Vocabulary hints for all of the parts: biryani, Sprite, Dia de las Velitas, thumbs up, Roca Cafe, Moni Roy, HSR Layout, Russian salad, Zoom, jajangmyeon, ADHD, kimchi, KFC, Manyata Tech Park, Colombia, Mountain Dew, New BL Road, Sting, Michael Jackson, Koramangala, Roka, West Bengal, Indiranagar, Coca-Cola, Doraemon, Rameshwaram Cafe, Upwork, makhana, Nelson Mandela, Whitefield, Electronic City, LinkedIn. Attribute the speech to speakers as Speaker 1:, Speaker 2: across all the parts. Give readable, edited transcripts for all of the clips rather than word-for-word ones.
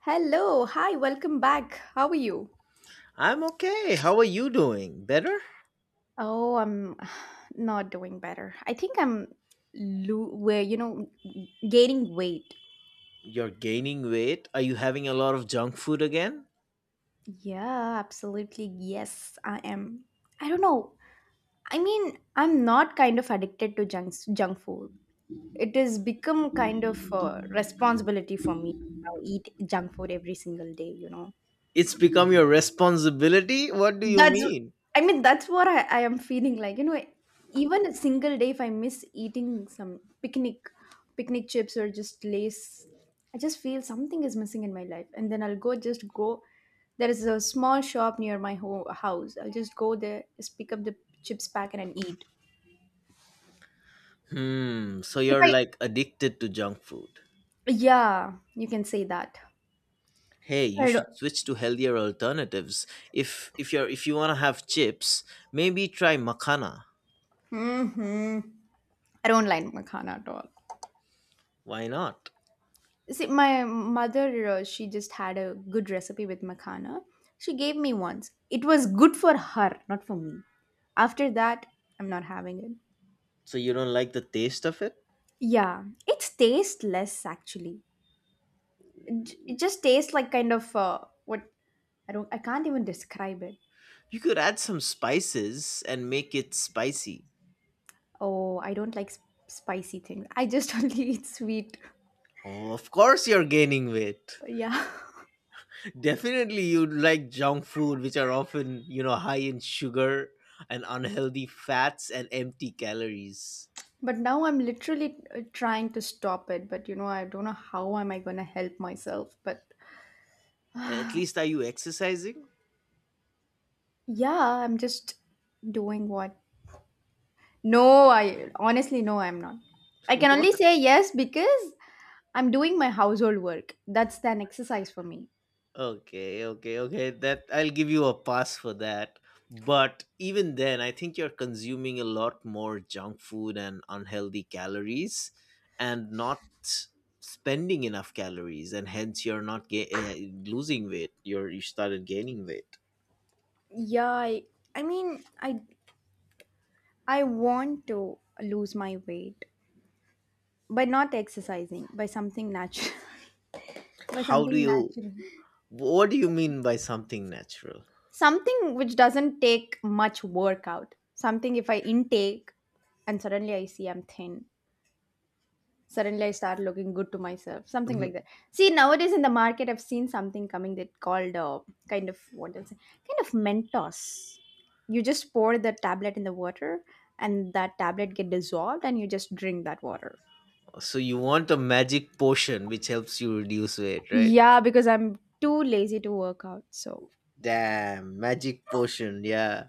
Speaker 1: Hello, hi, welcome back. How are you?
Speaker 2: I'm okay. How are you doing? Better?
Speaker 1: Oh, I'm not doing better. I think I'm lo- where you know gaining weight.
Speaker 2: You're gaining weight. Are you having a lot of junk food again?
Speaker 1: Yeah, absolutely. Yes, I am. I don't know. I mean, I'm not kind of addicted to junk food. It has become kind of responsibility for me to now eat junk food every single day, you know.
Speaker 2: It's become your responsibility? What do you
Speaker 1: That's
Speaker 2: mean?
Speaker 1: I mean that's what I am feeling like. You know, even a single day if I miss eating some picnic chips or just lace, I just feel something is missing in my life. And then I'll go just go there is a small shop near my house. I'll just go there, just pick up the chips packet and eat.
Speaker 2: Hmm, so
Speaker 1: If
Speaker 2: you're
Speaker 1: I
Speaker 2: like addicted to junk food.
Speaker 1: yeah, you can say that.
Speaker 2: Hey, you
Speaker 1: I
Speaker 2: should
Speaker 1: don't
Speaker 2: switch to healthier alternatives. If you want to have chips, maybe try makhana.
Speaker 1: hmm, I don't like makhana at all.
Speaker 2: Why not?
Speaker 1: See, my mother, she just had a good recipe with makhana. She gave me once. It was good for her, not for me. After that, I'm not having it.
Speaker 2: So you don't like the taste of it?
Speaker 1: Yeah, it's tasteless actually. It just tastes like kind of what I don't. I can't even describe it.
Speaker 2: You could add some spices and make it spicy.
Speaker 1: Oh, I don't like spicy things. I just only eat sweet.
Speaker 2: Oh, of course you're gaining weight.
Speaker 1: Yeah,
Speaker 2: Definitely, you'd like junk food, which are often high in sugar and unhealthy fats and empty calories.
Speaker 1: but now I'm literally trying to stop it. But you know, I don't know how am I gonna help myself. But
Speaker 2: At least, are you exercising?
Speaker 1: yeah, I'm just doing what? No, I honestly no, I'm not. I can only say yes because I'm doing my household work. That's an exercise for me.
Speaker 2: Okay, okay, okay. That I'll give you a pass for that. But even then, I think you're consuming a lot more junk food and unhealthy calories, and not spending enough calories, and hence you're not losing weight. You started gaining weight.
Speaker 1: Yeah, I mean, I want to lose my weight by not exercising, by something natural, by
Speaker 2: How do
Speaker 1: something
Speaker 2: you
Speaker 1: natural,
Speaker 2: What do you mean by something natural?
Speaker 1: something which doesn't take much workout. Something if I intake and suddenly I see I'm thin. Suddenly I start looking good to myself, something like
Speaker 2: Mhm.
Speaker 1: that. See, nowadays in the market, I've seen something coming that called kind of what else? Kind of Mentos. You just pour the tablet in the water, and that tablet get dissolved, and you just drink that water.
Speaker 2: So you want a magic potion which helps you reduce weight, right?
Speaker 1: Yeah, because I'm too lazy to work out. So
Speaker 2: Damn, magic potion, yeah.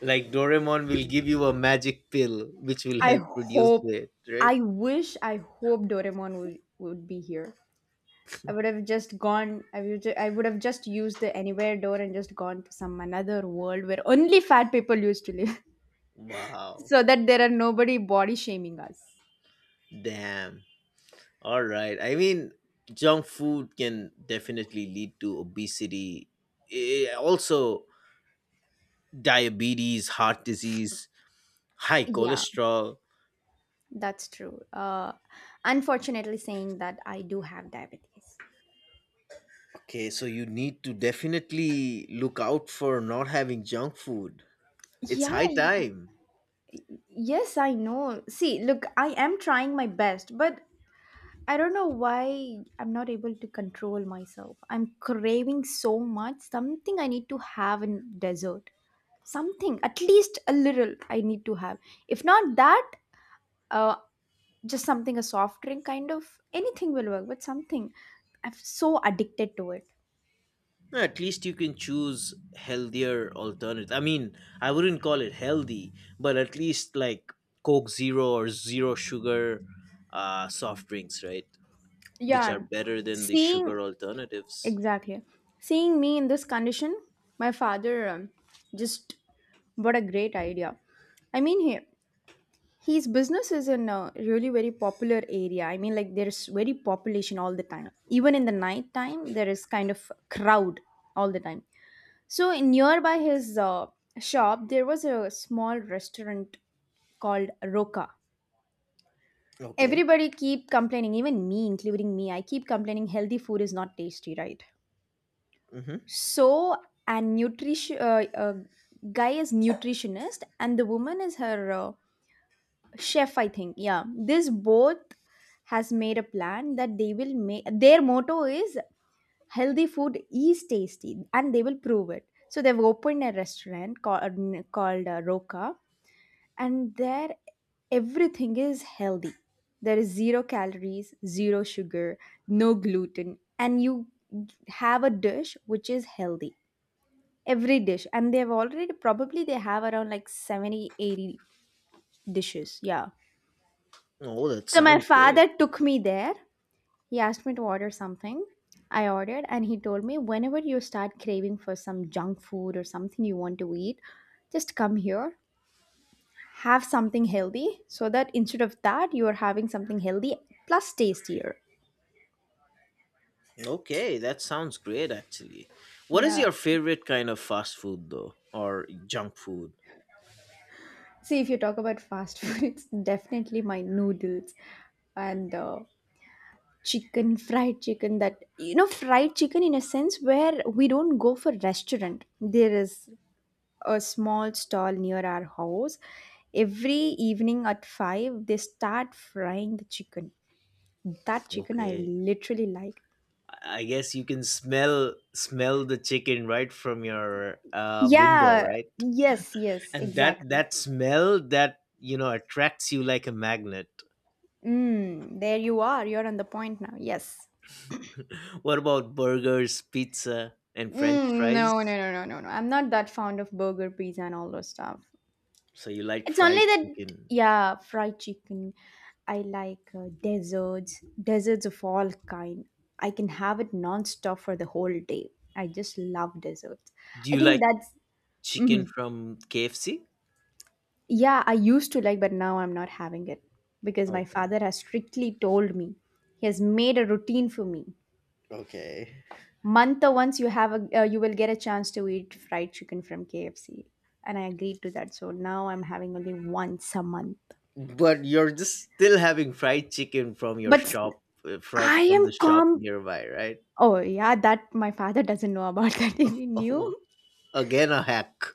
Speaker 2: Like Doraemon will give you a magic pill which will
Speaker 1: I
Speaker 2: help reduce
Speaker 1: hope,
Speaker 2: weight, right?
Speaker 1: I wish, I hope Doraemon would be here. I would have just gone. I would have just used the anywhere door and just gone to some another world where only fat people used to live,
Speaker 2: Wow.
Speaker 1: so that there are nobody body shaming us.
Speaker 2: Damn. All right. I mean, junk food can definitely lead to obesity, also diabetes, heart disease, high
Speaker 1: Yeah,
Speaker 2: cholesterol.
Speaker 1: that's true. Unfortunately, saying that I do have diabetes.
Speaker 2: Okay, so you need to definitely look out for not having junk food.
Speaker 1: Yeah,
Speaker 2: It's high
Speaker 1: I-
Speaker 2: time.
Speaker 1: yes, I know. See, look, I am trying my best, but I don't know why I'm not able to control myself. I'm craving so much. Something I need to have in dessert. Something, at least a little, I need to have. If not that, uh, just something a soft drink kind of anything will work, but something I'm so addicted to it.
Speaker 2: No, at least you can choose healthier alternative. I mean, I wouldn't call it healthy, but at least like Coke Zero or zero sugar soft drinks, right? Which are
Speaker 1: Yeah,
Speaker 2: better than the
Speaker 1: seeing
Speaker 2: sugar alternatives.
Speaker 1: exactly, seeing me in this condition, my father just what a great idea. I mean here, his business is in a really very popular area. I mean, like there's very population all the time, even in the night time there is kind of crowd all the time. So in nearby his shop, there was a small restaurant called Roka.
Speaker 2: Okay.
Speaker 1: Everybody keep complaining, even me, including me. I keep complaining healthy food is not tasty, right?
Speaker 2: Mm-hmm.
Speaker 1: So and nutrition guy is nutritionist and the woman is her chef, I think. Yeah, this both has made a plan that they will make. Their motto is healthy food is tasty and they will prove it, so they've opened a restaurant called Roka, and there everything is healthy. There is zero calories, zero sugar, no gluten, and you have a dish which is healthy, every dish. And they've already probably they have around like 70, 80 dishes, yeah.
Speaker 2: Oh, that
Speaker 1: So my
Speaker 2: sounds great.
Speaker 1: father took me there. He asked me to order something. I ordered, and he told me whenever you start craving for some junk food or something you want to eat, just come here, have something healthy, so that instead of that, you are having something healthy plus tastier.
Speaker 2: Okay, that sounds great actually. What is
Speaker 1: Yeah.
Speaker 2: your favorite kind of fast food though, or junk food?
Speaker 1: See, if you talk about fast food, it's definitely my noodles and fried chicken. That you know, fried chicken in a sense where we don't go for restaurant. There is a small stall near our house. Every evening at 5, they start frying the chicken. That chicken I
Speaker 2: Okay.
Speaker 1: literally like.
Speaker 2: I guess you can smell the chicken right from your window,
Speaker 1: Yeah,
Speaker 2: right?
Speaker 1: yes, yes,
Speaker 2: And that
Speaker 1: exactly.
Speaker 2: that smell that attracts you like a magnet.
Speaker 1: Mm, there you are. You're on the point now. Yes.
Speaker 2: What about burgers, pizza, and French
Speaker 1: Mm, no, no,
Speaker 2: fries?
Speaker 1: no, no, no, no. I'm not that fond of burger, pizza, and all those stuff.
Speaker 2: So you like
Speaker 1: It's only
Speaker 2: fried
Speaker 1: that,
Speaker 2: chicken?
Speaker 1: yeah, fried chicken. I like desserts, desserts of all kind. I can have it non-stop for the whole day. I just love desserts.
Speaker 2: Do
Speaker 1: I
Speaker 2: you like
Speaker 1: think that's
Speaker 2: chicken
Speaker 1: mhm.
Speaker 2: from KFC?
Speaker 1: Yeah. I used to like, but now I'm not having it because my
Speaker 2: Okay,
Speaker 1: father has strictly told me. He has made a routine for me.
Speaker 2: okay.
Speaker 1: Month or once you have a, you will get a chance to eat fried chicken from KFC, and I agreed to that. So now I'm having only once a month.
Speaker 2: But you're just still having fried chicken from your
Speaker 1: But
Speaker 2: shop, uh, from
Speaker 1: I
Speaker 2: from
Speaker 1: am
Speaker 2: the shop
Speaker 1: calm.
Speaker 2: nearby, right?
Speaker 1: Oh, yeah, that my father doesn't know about that if he knew.
Speaker 2: Again a hack.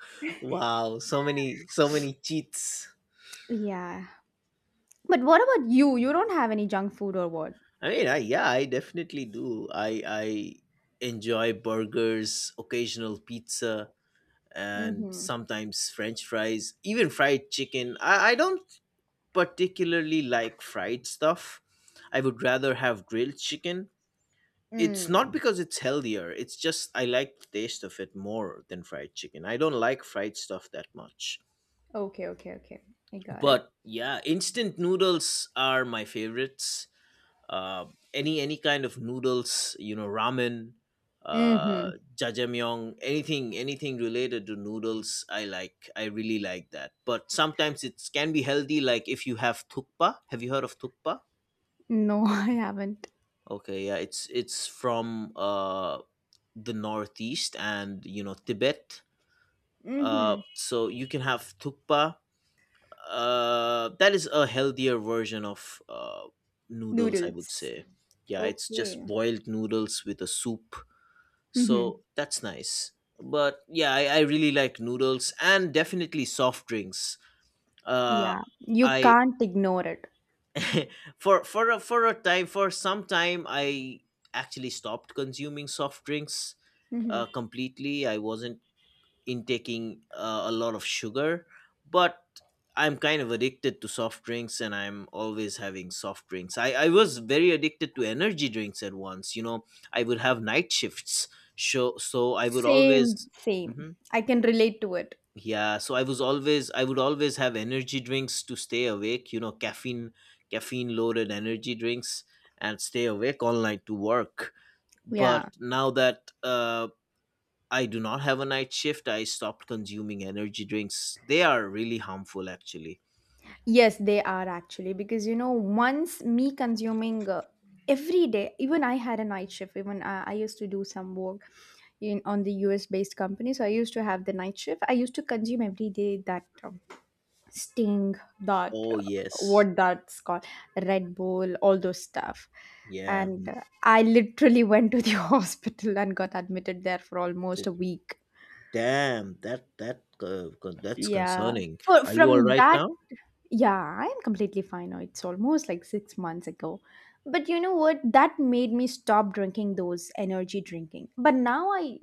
Speaker 2: Wow, so many so many cheats.
Speaker 1: Yeah. But what about you? You don't have any junk food or what?
Speaker 2: I mean, I, yeah, I definitely do. I enjoy burgers, occasional pizza, and
Speaker 1: Mm-hmm.
Speaker 2: sometimes French fries, even fried chicken. I don't particularly like fried stuff. I would rather have grilled chicken. It's not
Speaker 1: Mm.
Speaker 2: because it's healthier. It's just I like the taste of it more than fried chicken. I don't like fried stuff that much.
Speaker 1: Okay, okay, okay. I got it.
Speaker 2: But, yeah, instant noodles are my favorites. Uh, any any kind of noodles, ramen, uh
Speaker 1: Mm-hmm.
Speaker 2: jajangmyeon, anything related to noodles. I really like that, but sometimes it can be healthy, like if you have thukpa. Have you heard of thukpa?
Speaker 1: No, I haven't.
Speaker 2: Okay, yeah, it's from the Northeast and Tibet.
Speaker 1: Mm-hmm.
Speaker 2: So you can have thukpa. That is a healthier version of noodles, I would
Speaker 1: Noodles.
Speaker 2: say. Yeah, it's just
Speaker 1: Okay.
Speaker 2: boiled noodles with a soup. So
Speaker 1: Mm-hmm.
Speaker 2: that's nice. But yeah, I really like noodles and definitely soft drinks. Uh,
Speaker 1: Yeah. You
Speaker 2: I
Speaker 1: can't ignore it.
Speaker 2: for a time for some time I actually stopped consuming soft drinks
Speaker 1: Mm-hmm.
Speaker 2: completely. I wasn't intaking a lot of sugar, but I'm kind of addicted to soft drinks and I'm always having soft drinks. I was very addicted to energy drinks at once, you know. I would have night shifts, so I would always
Speaker 1: Same, same.
Speaker 2: Mhm.
Speaker 1: I can relate to it.
Speaker 2: Yeah, so I would always have energy drinks to stay awake, caffeine loaded energy drinks, and stay awake all night to work. But
Speaker 1: Yeah.
Speaker 2: now that I do not have a night shift, I stopped consuming energy drinks. They are really harmful, actually.
Speaker 1: Yes, they are actually because you know once me consuming every day, even I had a night shift. I used to do some work in on the US based company, so I used to have the night shift. I used to consume every day that Sting, that
Speaker 2: Oh yes,
Speaker 1: what that's called, Red Bull, all those stuff,
Speaker 2: yeah.
Speaker 1: and I literally went to the hospital and got admitted there for almost a
Speaker 2: d-
Speaker 1: week.
Speaker 2: Damn, that's
Speaker 1: Yeah,
Speaker 2: concerning.
Speaker 1: for
Speaker 2: Are you all
Speaker 1: from
Speaker 2: right
Speaker 1: that,
Speaker 2: now?
Speaker 1: yeah, I'm completely fine now. It's almost like 6 months ago. But you know what? That made me stop drinking those energy drinking. But now I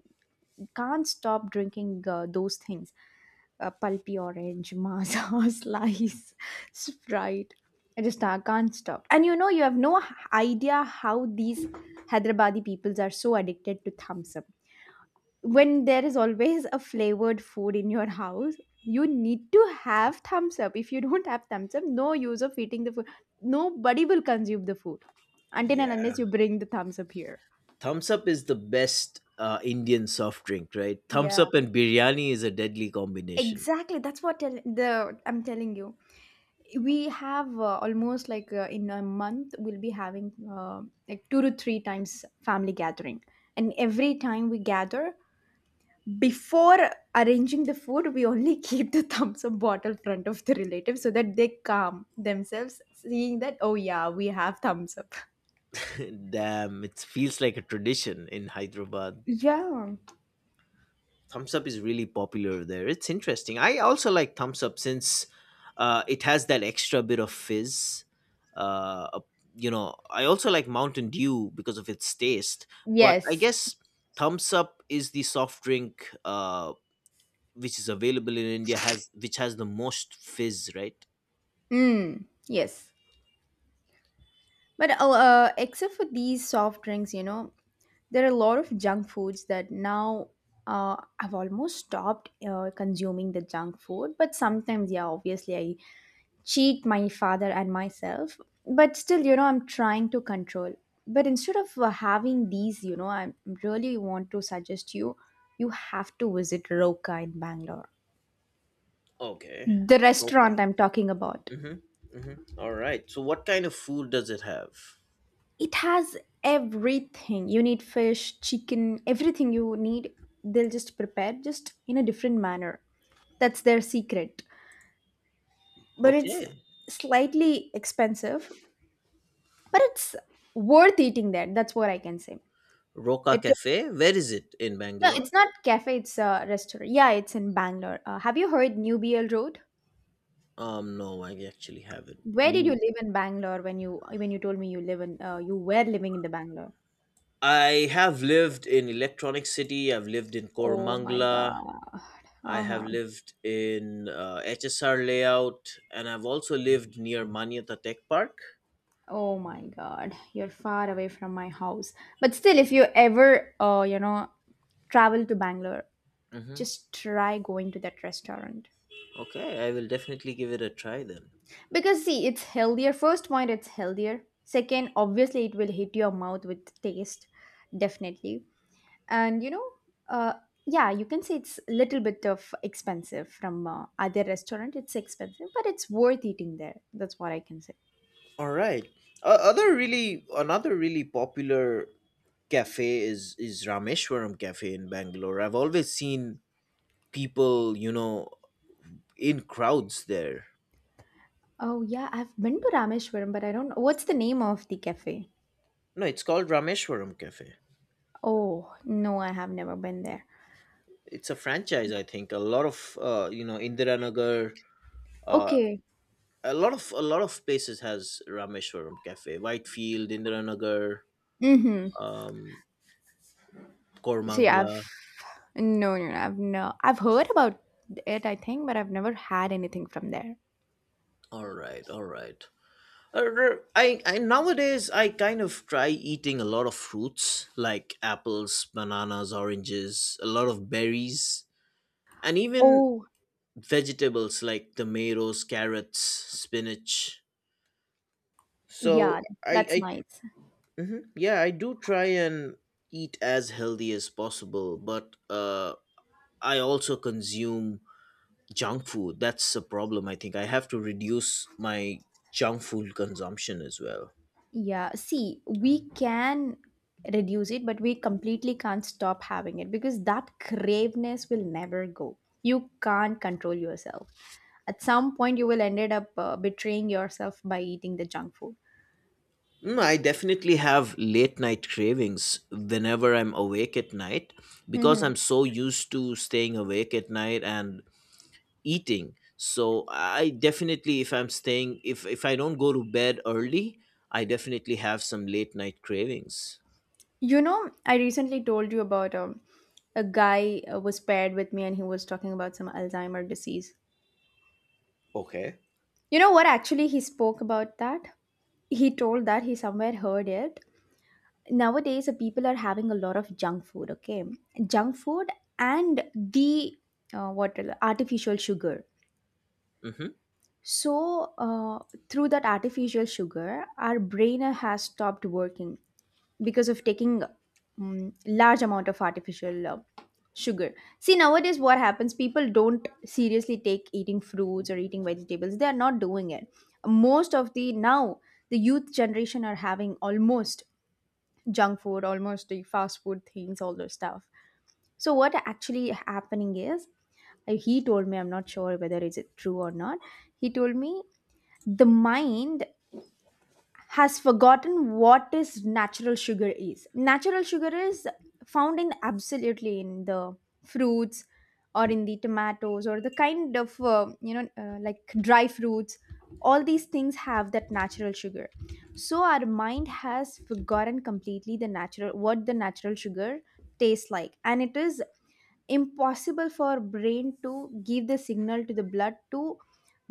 Speaker 1: can't stop drinking those things. Pulpy orange, masa, slice, Sprite. I just can't stop. And you know, you have no h- idea how these Hyderabadi peoples are so addicted to thumbs up. When there is always a flavored food in your house, you need to have thumbs up. If you don't have thumbs up, no use of eating the food. Nobody will consume the food until and
Speaker 2: Yeah.
Speaker 1: unless you bring the thumbs up here.
Speaker 2: Thumbs up is the best Indian soft drink, right? Thumbs
Speaker 1: Yeah,
Speaker 2: up and biryani is a deadly combination.
Speaker 1: exactly, that's what tell- the I'm telling you, we have almost like, in a month we'll be having, uh, like two to three times family gathering, and every time we gather, before arranging the food, we only keep the thumbs up bottle front of the relatives so that they calm themselves seeing that, oh yeah, we have thumbs up.
Speaker 2: Damn, it feels like a tradition in Hyderabad.
Speaker 1: Yeah.
Speaker 2: Thumbs up is really popular there. It's interesting. I also like Thumbs up since it has that extra bit of fizz. uh, a- I also like Mountain Dew because of its taste. But I
Speaker 1: Yes.
Speaker 2: guess Thumbs up is the soft drink which is available in India, has which has the most fizz, right?
Speaker 1: Mm, yes, but except for these soft drinks, you know, there are a lot of junk foods that now, I've almost stopped consuming the junk food, but sometimes yeah, obviously I cheat my father and myself, but still you know I'm trying to control. But instead of having these, you know, I really want to suggest you, you have to visit Roka in Bangalore,
Speaker 2: Okay.
Speaker 1: the
Speaker 2: Coca.
Speaker 1: restaurant I'm talking about.
Speaker 2: Mm-hmm. Mm-hmm. All right, so what kind of food does it have?
Speaker 1: It has everything you need, fish, chicken, everything you need. They'll just prepare just in a different manner. That's their secret. But it's
Speaker 2: Okay.
Speaker 1: slightly expensive, but it's worth eating there, that's what I can say.
Speaker 2: Roca
Speaker 1: It
Speaker 2: cafe, where is it in
Speaker 1: No,
Speaker 2: Bangalore?
Speaker 1: it's not cafe, it's a restaurant. Yeah, it's in Bangalore. Have you heard New BL Road?
Speaker 2: No, I actually haven't.
Speaker 1: Where did you
Speaker 2: New.
Speaker 1: live in Bangalore when you told me you live in you were living in the Bangalore?
Speaker 2: I have lived in Electronic City. I've lived in
Speaker 1: Oh my
Speaker 2: Koramangala.
Speaker 1: God.
Speaker 2: I have
Speaker 1: Uh-huh.
Speaker 2: lived in HSR Layout, and I've also lived near Manyata Tech Park.
Speaker 1: Oh my God. You're far away from my house. But still, if you ever you know, travel to Bangalore,
Speaker 2: Mm-hmm.
Speaker 1: just try going to that restaurant.
Speaker 2: Okay, I will definitely give it a try then.
Speaker 1: Because see, it's healthier. First point, it's healthier. Second, obviously it will hit your mouth with taste, definitely. And you know, uh, yeah, you can say it's a little bit of expensive from other restaurant, it's expensive but it's worth eating there, that's what I can say.
Speaker 2: All right. Another really popular cafe is Rameshwaram Cafe in Bangalore. I've always seen people in crowds there.
Speaker 1: Oh yeah, I've been to Rameshwaram, but I don't know what's the name of the cafe.
Speaker 2: No, it's called Rameshwaram Cafe.
Speaker 1: Oh no, I have never been there.
Speaker 2: It's a franchise, I think. A lot of Indiranagar, uh,
Speaker 1: Okay.
Speaker 2: a lot of places has Rameshwaram Cafe, Whitefield, Indiranagar,
Speaker 1: Mm-hmm.
Speaker 2: um
Speaker 1: see
Speaker 2: kormangla
Speaker 1: I've no, no, no, I've, no, I've heard about it I think, but I've never had anything from there.
Speaker 2: all right, all right. Uh, r- I, I nowadays I kind of try eating a lot of fruits, like apples, bananas, oranges, a lot of berries, and even
Speaker 1: Oh
Speaker 2: vegetables like tomatoes, carrots, spinach. So
Speaker 1: yeah, that's
Speaker 2: I
Speaker 1: nice.
Speaker 2: yeah, I do try and eat as healthy as possible, but I also consume junk food. That's a problem, I think. I have to reduce my junk food consumption as well.
Speaker 1: Yeah, see, we can reduce it, but we completely can't stop having it because that craveness will never go. You can't control yourself. At some point, you will ended up betraying yourself by eating the junk food.
Speaker 2: Mm, I definitely have late night cravings whenever I'm awake at night, because
Speaker 1: Mhm.
Speaker 2: I'm so used to staying awake at night and eating. So I definitely if I don't go to bed early, I definitely have some late night cravings.
Speaker 1: You know, I recently told you about a guy was paired with me and he was talking about some Alzheimer disease.
Speaker 2: Okay.
Speaker 1: You know what? Actually, he spoke about that. He told that he somewhere heard it nowadays people are having a lot of junk food, okay, junk food and the what, artificial sugar.
Speaker 2: Hmm.
Speaker 1: So through that artificial sugar our brain has stopped working because of taking large amount of artificial sugar. See, nowadays what happens, people don't seriously take eating fruits or eating vegetables, they are not doing it. Most of the now, the youth generation are having almost junk food, almost the fast food things, all those stuff. So what actually happening is, he told me, I'm not sure whether is it true or not. He told me the mind has forgotten what is natural sugar is. Natural sugar is found in absolutely in the fruits or in the tomatoes or the kind of like dry fruits. All these things have that natural sugar. So our mind has forgotten completely the natural, what the natural sugar tastes like, and it is impossible for brain to give the signal to the blood to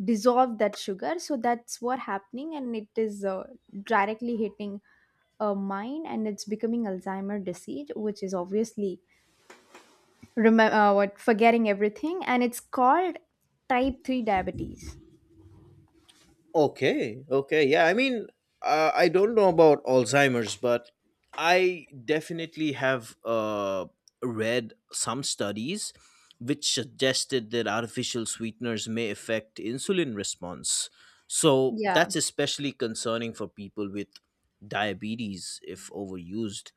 Speaker 1: dissolve that sugar. So that's what happening, and it is directly hitting a mind and it's becoming Alzheimer disease, which is obviously, remember, what forgetting everything, and it's called type 3 diabetes.
Speaker 2: Okay. Okay. Yeah. I mean, I don't know about Alzheimer's, but I definitely have read some studies which suggested that artificial sweeteners may affect insulin response. So
Speaker 1: Yeah,
Speaker 2: that's especially concerning for people with diabetes if overused.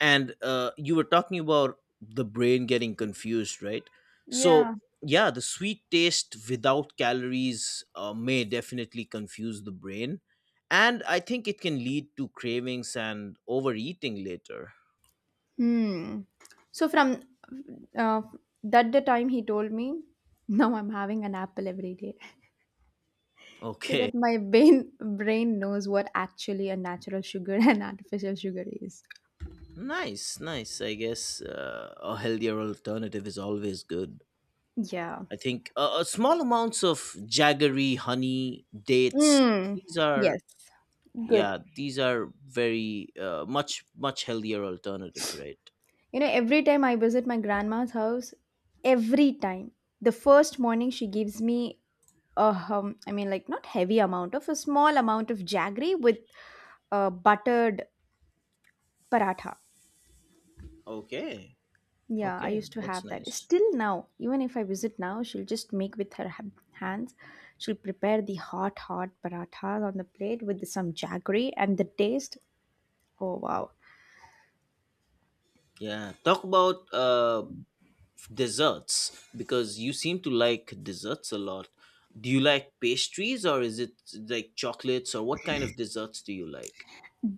Speaker 2: And you were talking about the brain getting confused, right? So,
Speaker 1: yeah.
Speaker 2: yeah, the sweet taste without calories may definitely confuse the brain, and I think it can lead to cravings and overeating later.
Speaker 1: Hmm. So from uh, that the time he told me, now I'm having an apple every day so
Speaker 2: Okay.
Speaker 1: that my brain knows what actually a natural sugar and artificial sugar is.
Speaker 2: Nice, nice. I guess a healthier alternative is always good.
Speaker 1: Yeah.
Speaker 2: I think small amounts of jaggery, honey, dates,
Speaker 1: Mm.
Speaker 2: these are
Speaker 1: Yes.
Speaker 2: yeah, these are very much much healthier alternatives, right?
Speaker 1: You know, every time I visit my grandma's house, every time the first morning she gives me a I mean, like not heavy amount of, a small amount of jaggery with buttered paratha.
Speaker 2: Okay,
Speaker 1: Yeah, I
Speaker 2: okay,
Speaker 1: used to
Speaker 2: that's
Speaker 1: have that.
Speaker 2: nice.
Speaker 1: Still now, even if I visit now, she'll just make with her hands. She'll prepare the hot, hot parathas on the plate with some jaggery, and the taste. Oh, wow.
Speaker 2: Yeah, talk about desserts, because you seem to like desserts a lot. Do you like pastries, or is it like chocolates, or what kind of desserts do you like?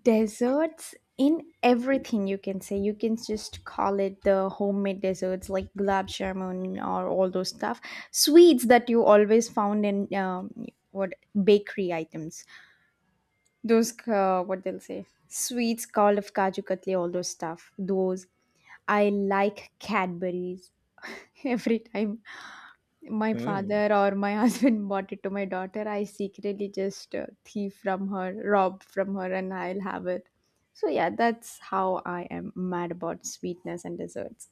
Speaker 1: Desserts in everything, you can say. You can just call it the homemade desserts like gulab jamun or all those stuff. Sweets that you always found in, what bakery items. Those what they'll say sweets called of kaju katli, all those stuff. Those, I like Cadburys. Every time my
Speaker 2: Hmm.
Speaker 1: father or my husband bought it to my daughter, I secretly just thief from her, rob from her, and I'll have it. So yeah, that's how I am, mad about sweetness and desserts.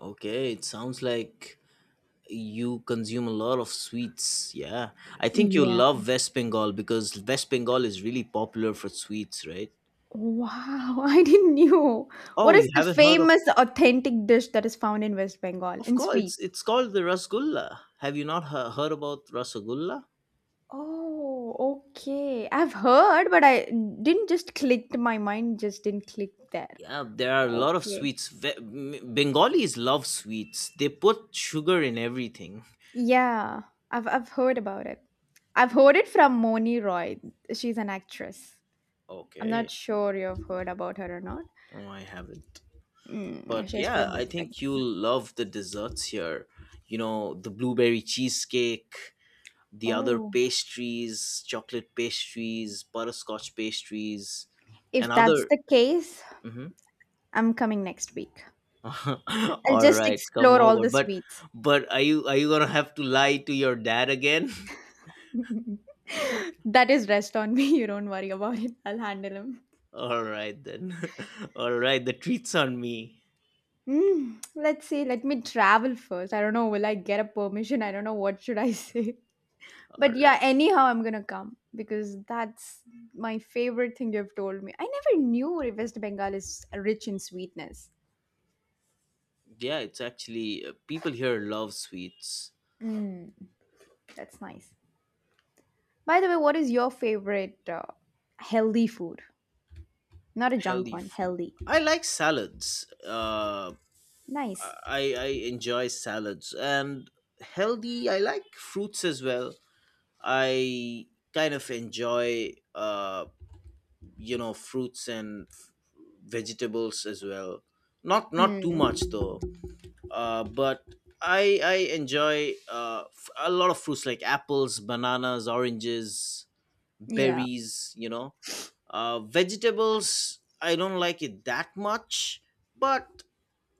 Speaker 2: Okay, it sounds like you consume a lot of sweets. Yeah. I think you
Speaker 1: Yeah,
Speaker 2: love West Bengal, because West Bengal is really popular for sweets, right?
Speaker 1: wow. I didn't know. What
Speaker 2: Oh,
Speaker 1: is
Speaker 2: you
Speaker 1: the
Speaker 2: haven't heard
Speaker 1: famous authentic dish that is found in West Bengal
Speaker 2: of
Speaker 1: in
Speaker 2: course,
Speaker 1: sweets?
Speaker 2: it's called the rasgulla. Have you not heard about rasgulla?
Speaker 1: Oh, okay. I've heard, but I didn't just clicked. My mind just didn't click there.
Speaker 2: Yeah, there are a lot of
Speaker 1: Okay.
Speaker 2: sweets. Bengalis love sweets. They put sugar in everything.
Speaker 1: Yeah, I've heard about it. I've heard it from Moni Roy. She's an actress. I'm not
Speaker 2: Okay.
Speaker 1: sure you've heard about her or not.
Speaker 2: Oh, I haven't.
Speaker 1: Mm,
Speaker 2: But
Speaker 1: she's
Speaker 2: yeah,
Speaker 1: from
Speaker 2: I
Speaker 1: West
Speaker 2: think
Speaker 1: Bengal.
Speaker 2: you'll love the desserts here. You know, the blueberry cheesecake, the other
Speaker 1: Oh,
Speaker 2: pastries, chocolate pastries, butterscotch pastries, and
Speaker 1: if that's
Speaker 2: other.
Speaker 1: the case,
Speaker 2: Mhm.
Speaker 1: I'm coming next week. I'll
Speaker 2: All
Speaker 1: just
Speaker 2: right, come
Speaker 1: explore all
Speaker 2: over.
Speaker 1: the sweets.
Speaker 2: But are you gonna have to lie to your dad again?
Speaker 1: That is rest on me. You don't worry about it. I'll handle them.
Speaker 2: All right then. All right, the treats on me.
Speaker 1: Mm, let's see, let me travel first. I don't know, will I get a permission? I don't know what should I say.
Speaker 2: All
Speaker 1: But yeah,
Speaker 2: right.
Speaker 1: anyhow, I'm gonna come because that's my favorite thing you've told me. I never knew West Bengal is rich in sweetness.
Speaker 2: Yeah, it's actually people here love sweets.
Speaker 1: Mm, that's nice. By the way, what is your favorite healthy food? Not a junk
Speaker 2: Healthy
Speaker 1: one,
Speaker 2: food.
Speaker 1: healthy.
Speaker 2: I like salads. Uh,
Speaker 1: Nice.
Speaker 2: I I enjoy salads and healthy. I like fruits as well. I kind of enjoy fruits and vegetables as well, not too
Speaker 1: Hmm.
Speaker 2: much though. But I enjoy a lot of fruits like apples, bananas, oranges,
Speaker 1: Yeah.
Speaker 2: berries. Vegetables, I don't like it that much, but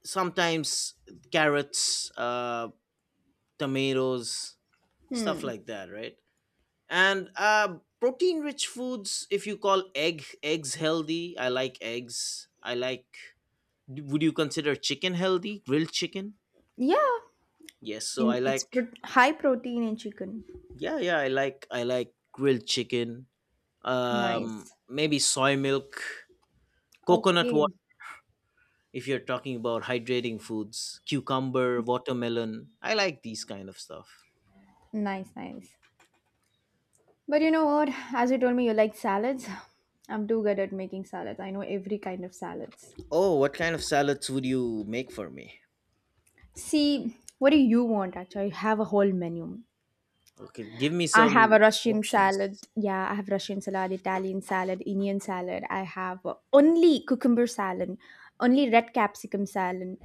Speaker 2: sometimes carrots, tomatoes, stuff
Speaker 1: Hmm.
Speaker 2: like that, right? And protein rich foods, if you call eggs healthy, I like eggs I like Would you consider chicken healthy, grilled chicken?
Speaker 1: Yeah.
Speaker 2: Yes, so I
Speaker 1: In, it's
Speaker 2: like
Speaker 1: high protein in chicken.
Speaker 2: yeah, yeah, I like grilled chicken.
Speaker 1: Nice.
Speaker 2: Maybe soy milk, coconut
Speaker 1: Okay.
Speaker 2: water, if you're talking about hydrating foods, cucumber, watermelon, I like these kind of stuff.
Speaker 1: Nice, nice. But you know what? As you told me you like salads, I'm too good at making salads. I know every kind of salads.
Speaker 2: Oh, what kind of salads would you make for me?
Speaker 1: See, what do you want actually? I have a whole menu.
Speaker 2: Okay, give me
Speaker 1: I
Speaker 2: some
Speaker 1: have a Russian
Speaker 2: options.
Speaker 1: salad. Yeah, I have Russian salad, Italian salad, Indian salad. I have only cucumber salad, only red capsicum salad.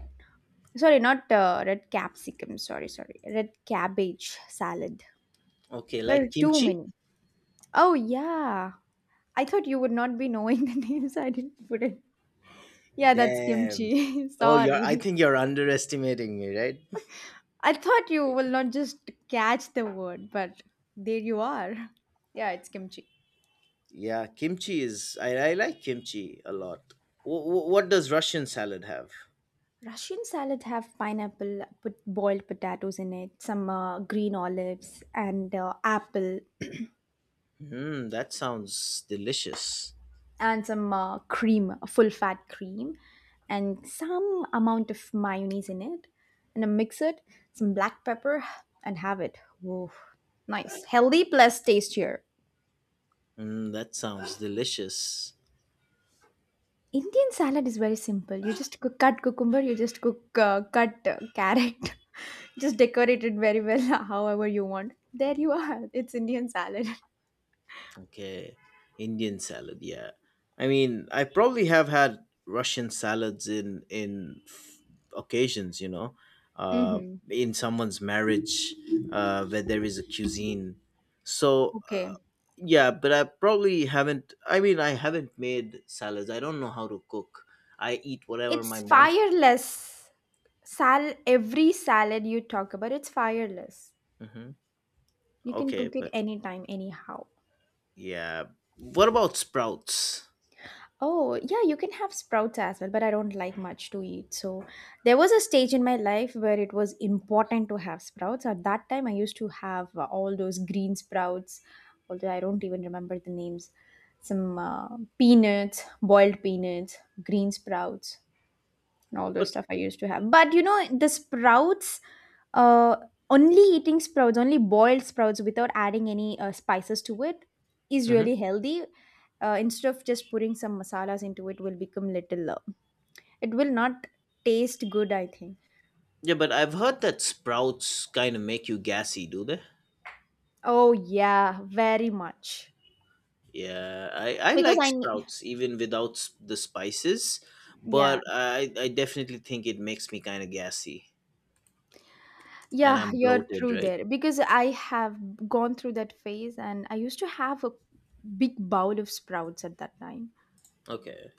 Speaker 1: Sorry, not red capsicum. Sorry, sorry. Red cabbage salad.
Speaker 2: Okay,
Speaker 1: There
Speaker 2: like
Speaker 1: are too
Speaker 2: kimchi?
Speaker 1: many. Oh, yeah. I thought you would not be knowing the names. I didn't put it. Yeah, that's
Speaker 2: Damn.
Speaker 1: kimchi.
Speaker 2: Oh, you're. I
Speaker 1: Sorry.
Speaker 2: think you're underestimating me, right?
Speaker 1: I thought you will not just catch the word, but there you are. Yeah, it's kimchi.
Speaker 2: Yeah, kimchi is. I like kimchi a lot. What does Russian salad have?
Speaker 1: Russian salad have pineapple, put boiled potatoes in it, some green olives, and apple,
Speaker 2: Mm, that sounds delicious.
Speaker 1: and some cream, full fat cream, and some amount of mayonnaise in it, and I mix it, some black pepper, and have it. Whoa, nice, healthy plus tastier.
Speaker 2: Mm, that sounds delicious.
Speaker 1: Indian salad is very simple. You just cut cucumber, you just cut carrot, just decorate it very well, however you want. There you are. It's Indian salad.
Speaker 2: Okay, Indian salad. Yeah, I mean, I probably have had Russian salads in occasions. You know, uh,
Speaker 1: Mm-hmm.
Speaker 2: in someone's marriage, where there is a cuisine. So
Speaker 1: Okay.
Speaker 2: yeah, but I probably haven't. I mean, I haven't made salads. I don't know how to cook. I eat whatever my
Speaker 1: It's
Speaker 2: mom's
Speaker 1: fireless. Sal Every salad you talk about, it's fireless.
Speaker 2: Hmm.
Speaker 1: You can
Speaker 2: Okay,
Speaker 1: cook it
Speaker 2: but
Speaker 1: anytime, anyhow.
Speaker 2: yeah, what about sprouts?
Speaker 1: Oh, yeah, you can have sprouts as well, but I don't like much to eat. So there was a stage in my life where it was important to have sprouts. At that time, I used to have all those green sprouts, although I don't even remember the names. Some peanuts, boiled peanuts, green sprouts and all
Speaker 2: But
Speaker 1: those stuff I used to have. But you know, the sprouts, uh, only eating sprouts, only boiled sprouts without adding any spices to it is
Speaker 2: Mhm.
Speaker 1: really healthy. Instead of just putting some masalas into it, will become little. It will not taste good, I think.
Speaker 2: Yeah, but I've heard that sprouts kind of make you gassy. Do they?
Speaker 1: Oh yeah, very much.
Speaker 2: Yeah, I
Speaker 1: Because
Speaker 2: like
Speaker 1: I need.
Speaker 2: sprouts even without the spices,
Speaker 1: Yeah,
Speaker 2: but I definitely think it makes me kind of gassy, and
Speaker 1: yeah,
Speaker 2: I'm
Speaker 1: you're
Speaker 2: bloated,
Speaker 1: true
Speaker 2: right?
Speaker 1: there. Because I have gone through that phase, and I used to have a big bowl of sprouts at that time.
Speaker 2: Okay.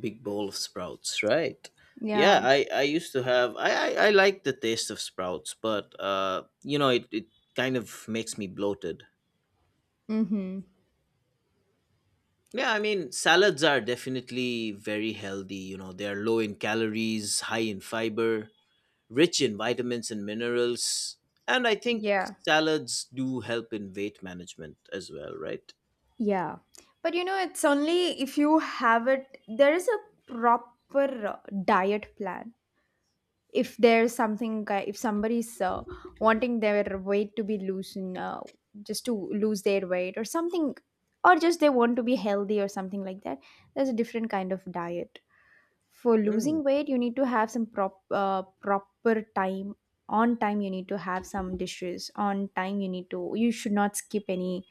Speaker 2: Big bowl of sprouts, right? Yeah,
Speaker 1: Yeah.
Speaker 2: I used to have I like the taste of sprouts, but it kind of makes me bloated.
Speaker 1: Mm-hmm.
Speaker 2: Yeah, I mean, salads are definitely very healthy. They are low in calories, high in fiber, rich in vitamins and minerals, and I think
Speaker 1: Yeah.
Speaker 2: salads do help in weight management as well, right?
Speaker 1: Yeah. But you know, it's only if you have it, there is a proper diet plan. If there's something, if somebody's wanting their weight to be loosened, just to lose their weight or something, or just they want to be healthy or something like that, there's a different kind of diet. For
Speaker 2: Mm.
Speaker 1: losing weight, you need to have some proper time, on time you need to have some dishes, on time you need to, you should not skip any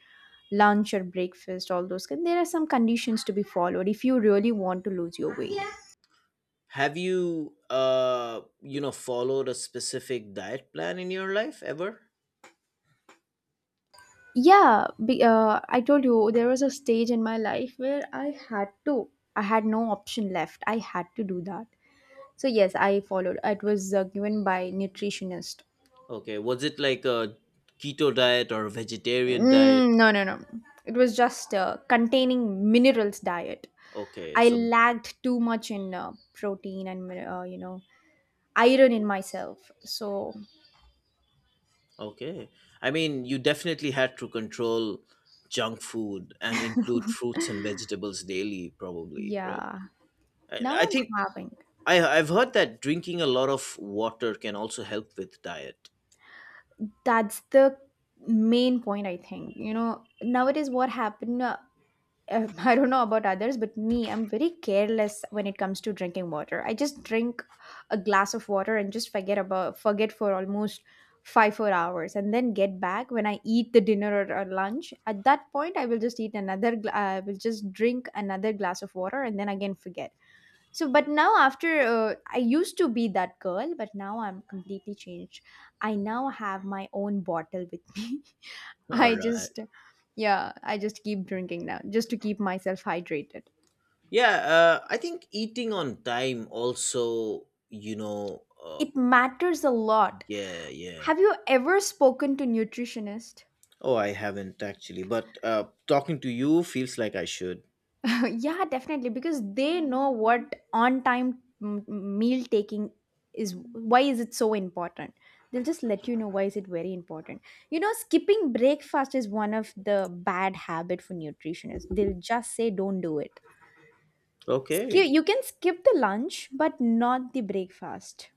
Speaker 1: lunch or breakfast, all those, there are some conditions to be followed if you really want to lose your weight.
Speaker 2: Have you you know followed a specific diet plan in your life ever?
Speaker 1: Yeah, I told you there was a stage in my life where I had to I had no option left, I had to do that. So yes, I followed, it was given by nutritionist.
Speaker 2: Okay, was it like a keto diet or a vegetarian diet?
Speaker 1: Mm, no, no, no. It was just containing minerals diet.
Speaker 2: Okay,
Speaker 1: I
Speaker 2: so
Speaker 1: lacked too much in protein and you know, iron in myself. So
Speaker 2: okay. I mean, you definitely had to control junk food and include fruits and vegetables daily, probably, right?
Speaker 1: yeah,
Speaker 2: I,
Speaker 1: now
Speaker 2: I
Speaker 1: I'm
Speaker 2: think
Speaker 1: having.
Speaker 2: I've heard that drinking a lot of water can also help with diet.
Speaker 1: That's the main point I think. You know nowadays what happened? I don't know about others, but me, I'm very careless when it comes to drinking water. I just drink a glass of water and just forget for almost 5 4 hours, and then get back when I eat the dinner or lunch. At that point, I will just I will just drink another glass of water, and then again forget. So, but now after I used to be that girl, but now I'm completely changed. I now have my own bottle with me.
Speaker 2: All
Speaker 1: I
Speaker 2: right.
Speaker 1: just, yeah, I just keep drinking now just to keep myself hydrated.
Speaker 2: Yeah, I think eating on time also,
Speaker 1: It matters a lot.
Speaker 2: yeah, yeah.
Speaker 1: Have you ever spoken to nutritionist?
Speaker 2: Oh, I haven't actually, but talking to you feels like I should.
Speaker 1: Yeah, definitely because they know what on time meal taking is, why is it so important. They'll just let you know why is it very important. You know, skipping breakfast is one of the bad habit for nutritionists. They'll just say don't do it. Skip
Speaker 2: Okay.
Speaker 1: you can skip the lunch but not the breakfast.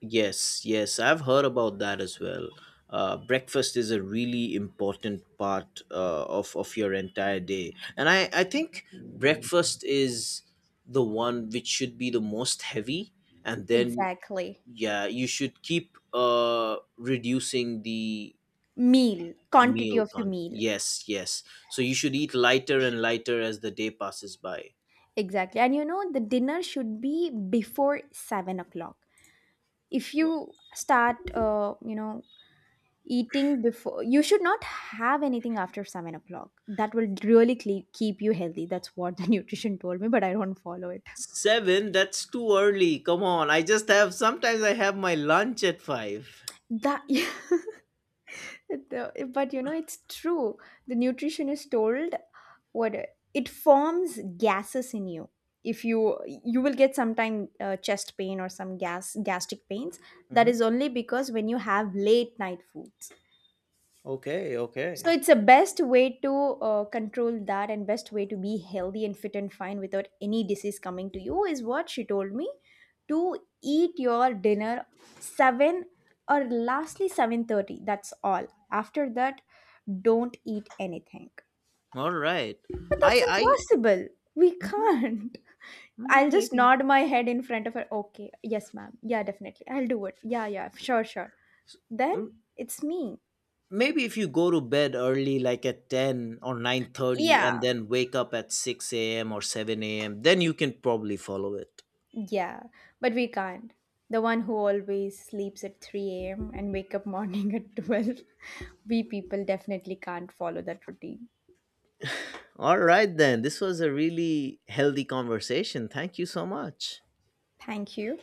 Speaker 2: Yes, yes, I've heard about that as well. Breakfast is a really important part of your entire day, and I think breakfast is the one which should be the most heavy, and then
Speaker 1: Exactly.
Speaker 2: yeah, you should keep reducing the
Speaker 1: Meal, quantity
Speaker 2: meal
Speaker 1: of the
Speaker 2: count.
Speaker 1: meal.
Speaker 2: Yes, yes. So you should eat lighter and lighter as the day passes by.
Speaker 1: Exactly. And you know, the dinner should be before 7 o'clock. If you start, eating before, you should not have anything after 7 o'clock. That will really cle keep you healthy. That's what the nutrition told me, but I don't follow it.
Speaker 2: Seven? That's too early. Come on. I just have, sometimes I have my lunch at five.
Speaker 1: That, but you know it's true, the nutritionist told what it forms gases in you, if you will get sometime chest pain or some gastric pains, that
Speaker 2: Hmm.
Speaker 1: is only because when you have late night foods.
Speaker 2: Okay, okay.
Speaker 1: So it's the best way to control that, and best way to be healthy and fit and fine without any disease coming to you is what she told me, to eat your dinner 7 or lastly 7:30, that's all. After that, don't eat anything.
Speaker 2: All right.
Speaker 1: But
Speaker 2: I,
Speaker 1: that's
Speaker 2: I,
Speaker 1: impossible, we
Speaker 2: mhm,
Speaker 1: can't.
Speaker 2: mhm,
Speaker 1: I'll just
Speaker 2: maybe.
Speaker 1: nod my head in front of her, okay, yes ma'am, yeah definitely I'll do it, yeah, yeah, sure, sure. Then,
Speaker 2: Mm,
Speaker 1: it's me.
Speaker 2: maybe if you go to bed early, like at 10 or 9:30, and
Speaker 1: Yeah.
Speaker 2: then wake up at 6 a.m. or 7 a.m., then you can probably follow it.
Speaker 1: Yeah, but we can't. The one who always sleeps at 3 a.m. and wake up morning at 12. We people definitely can't follow that routine.
Speaker 2: All right, then. This was a really healthy conversation. Thank you so much.
Speaker 1: Thank you.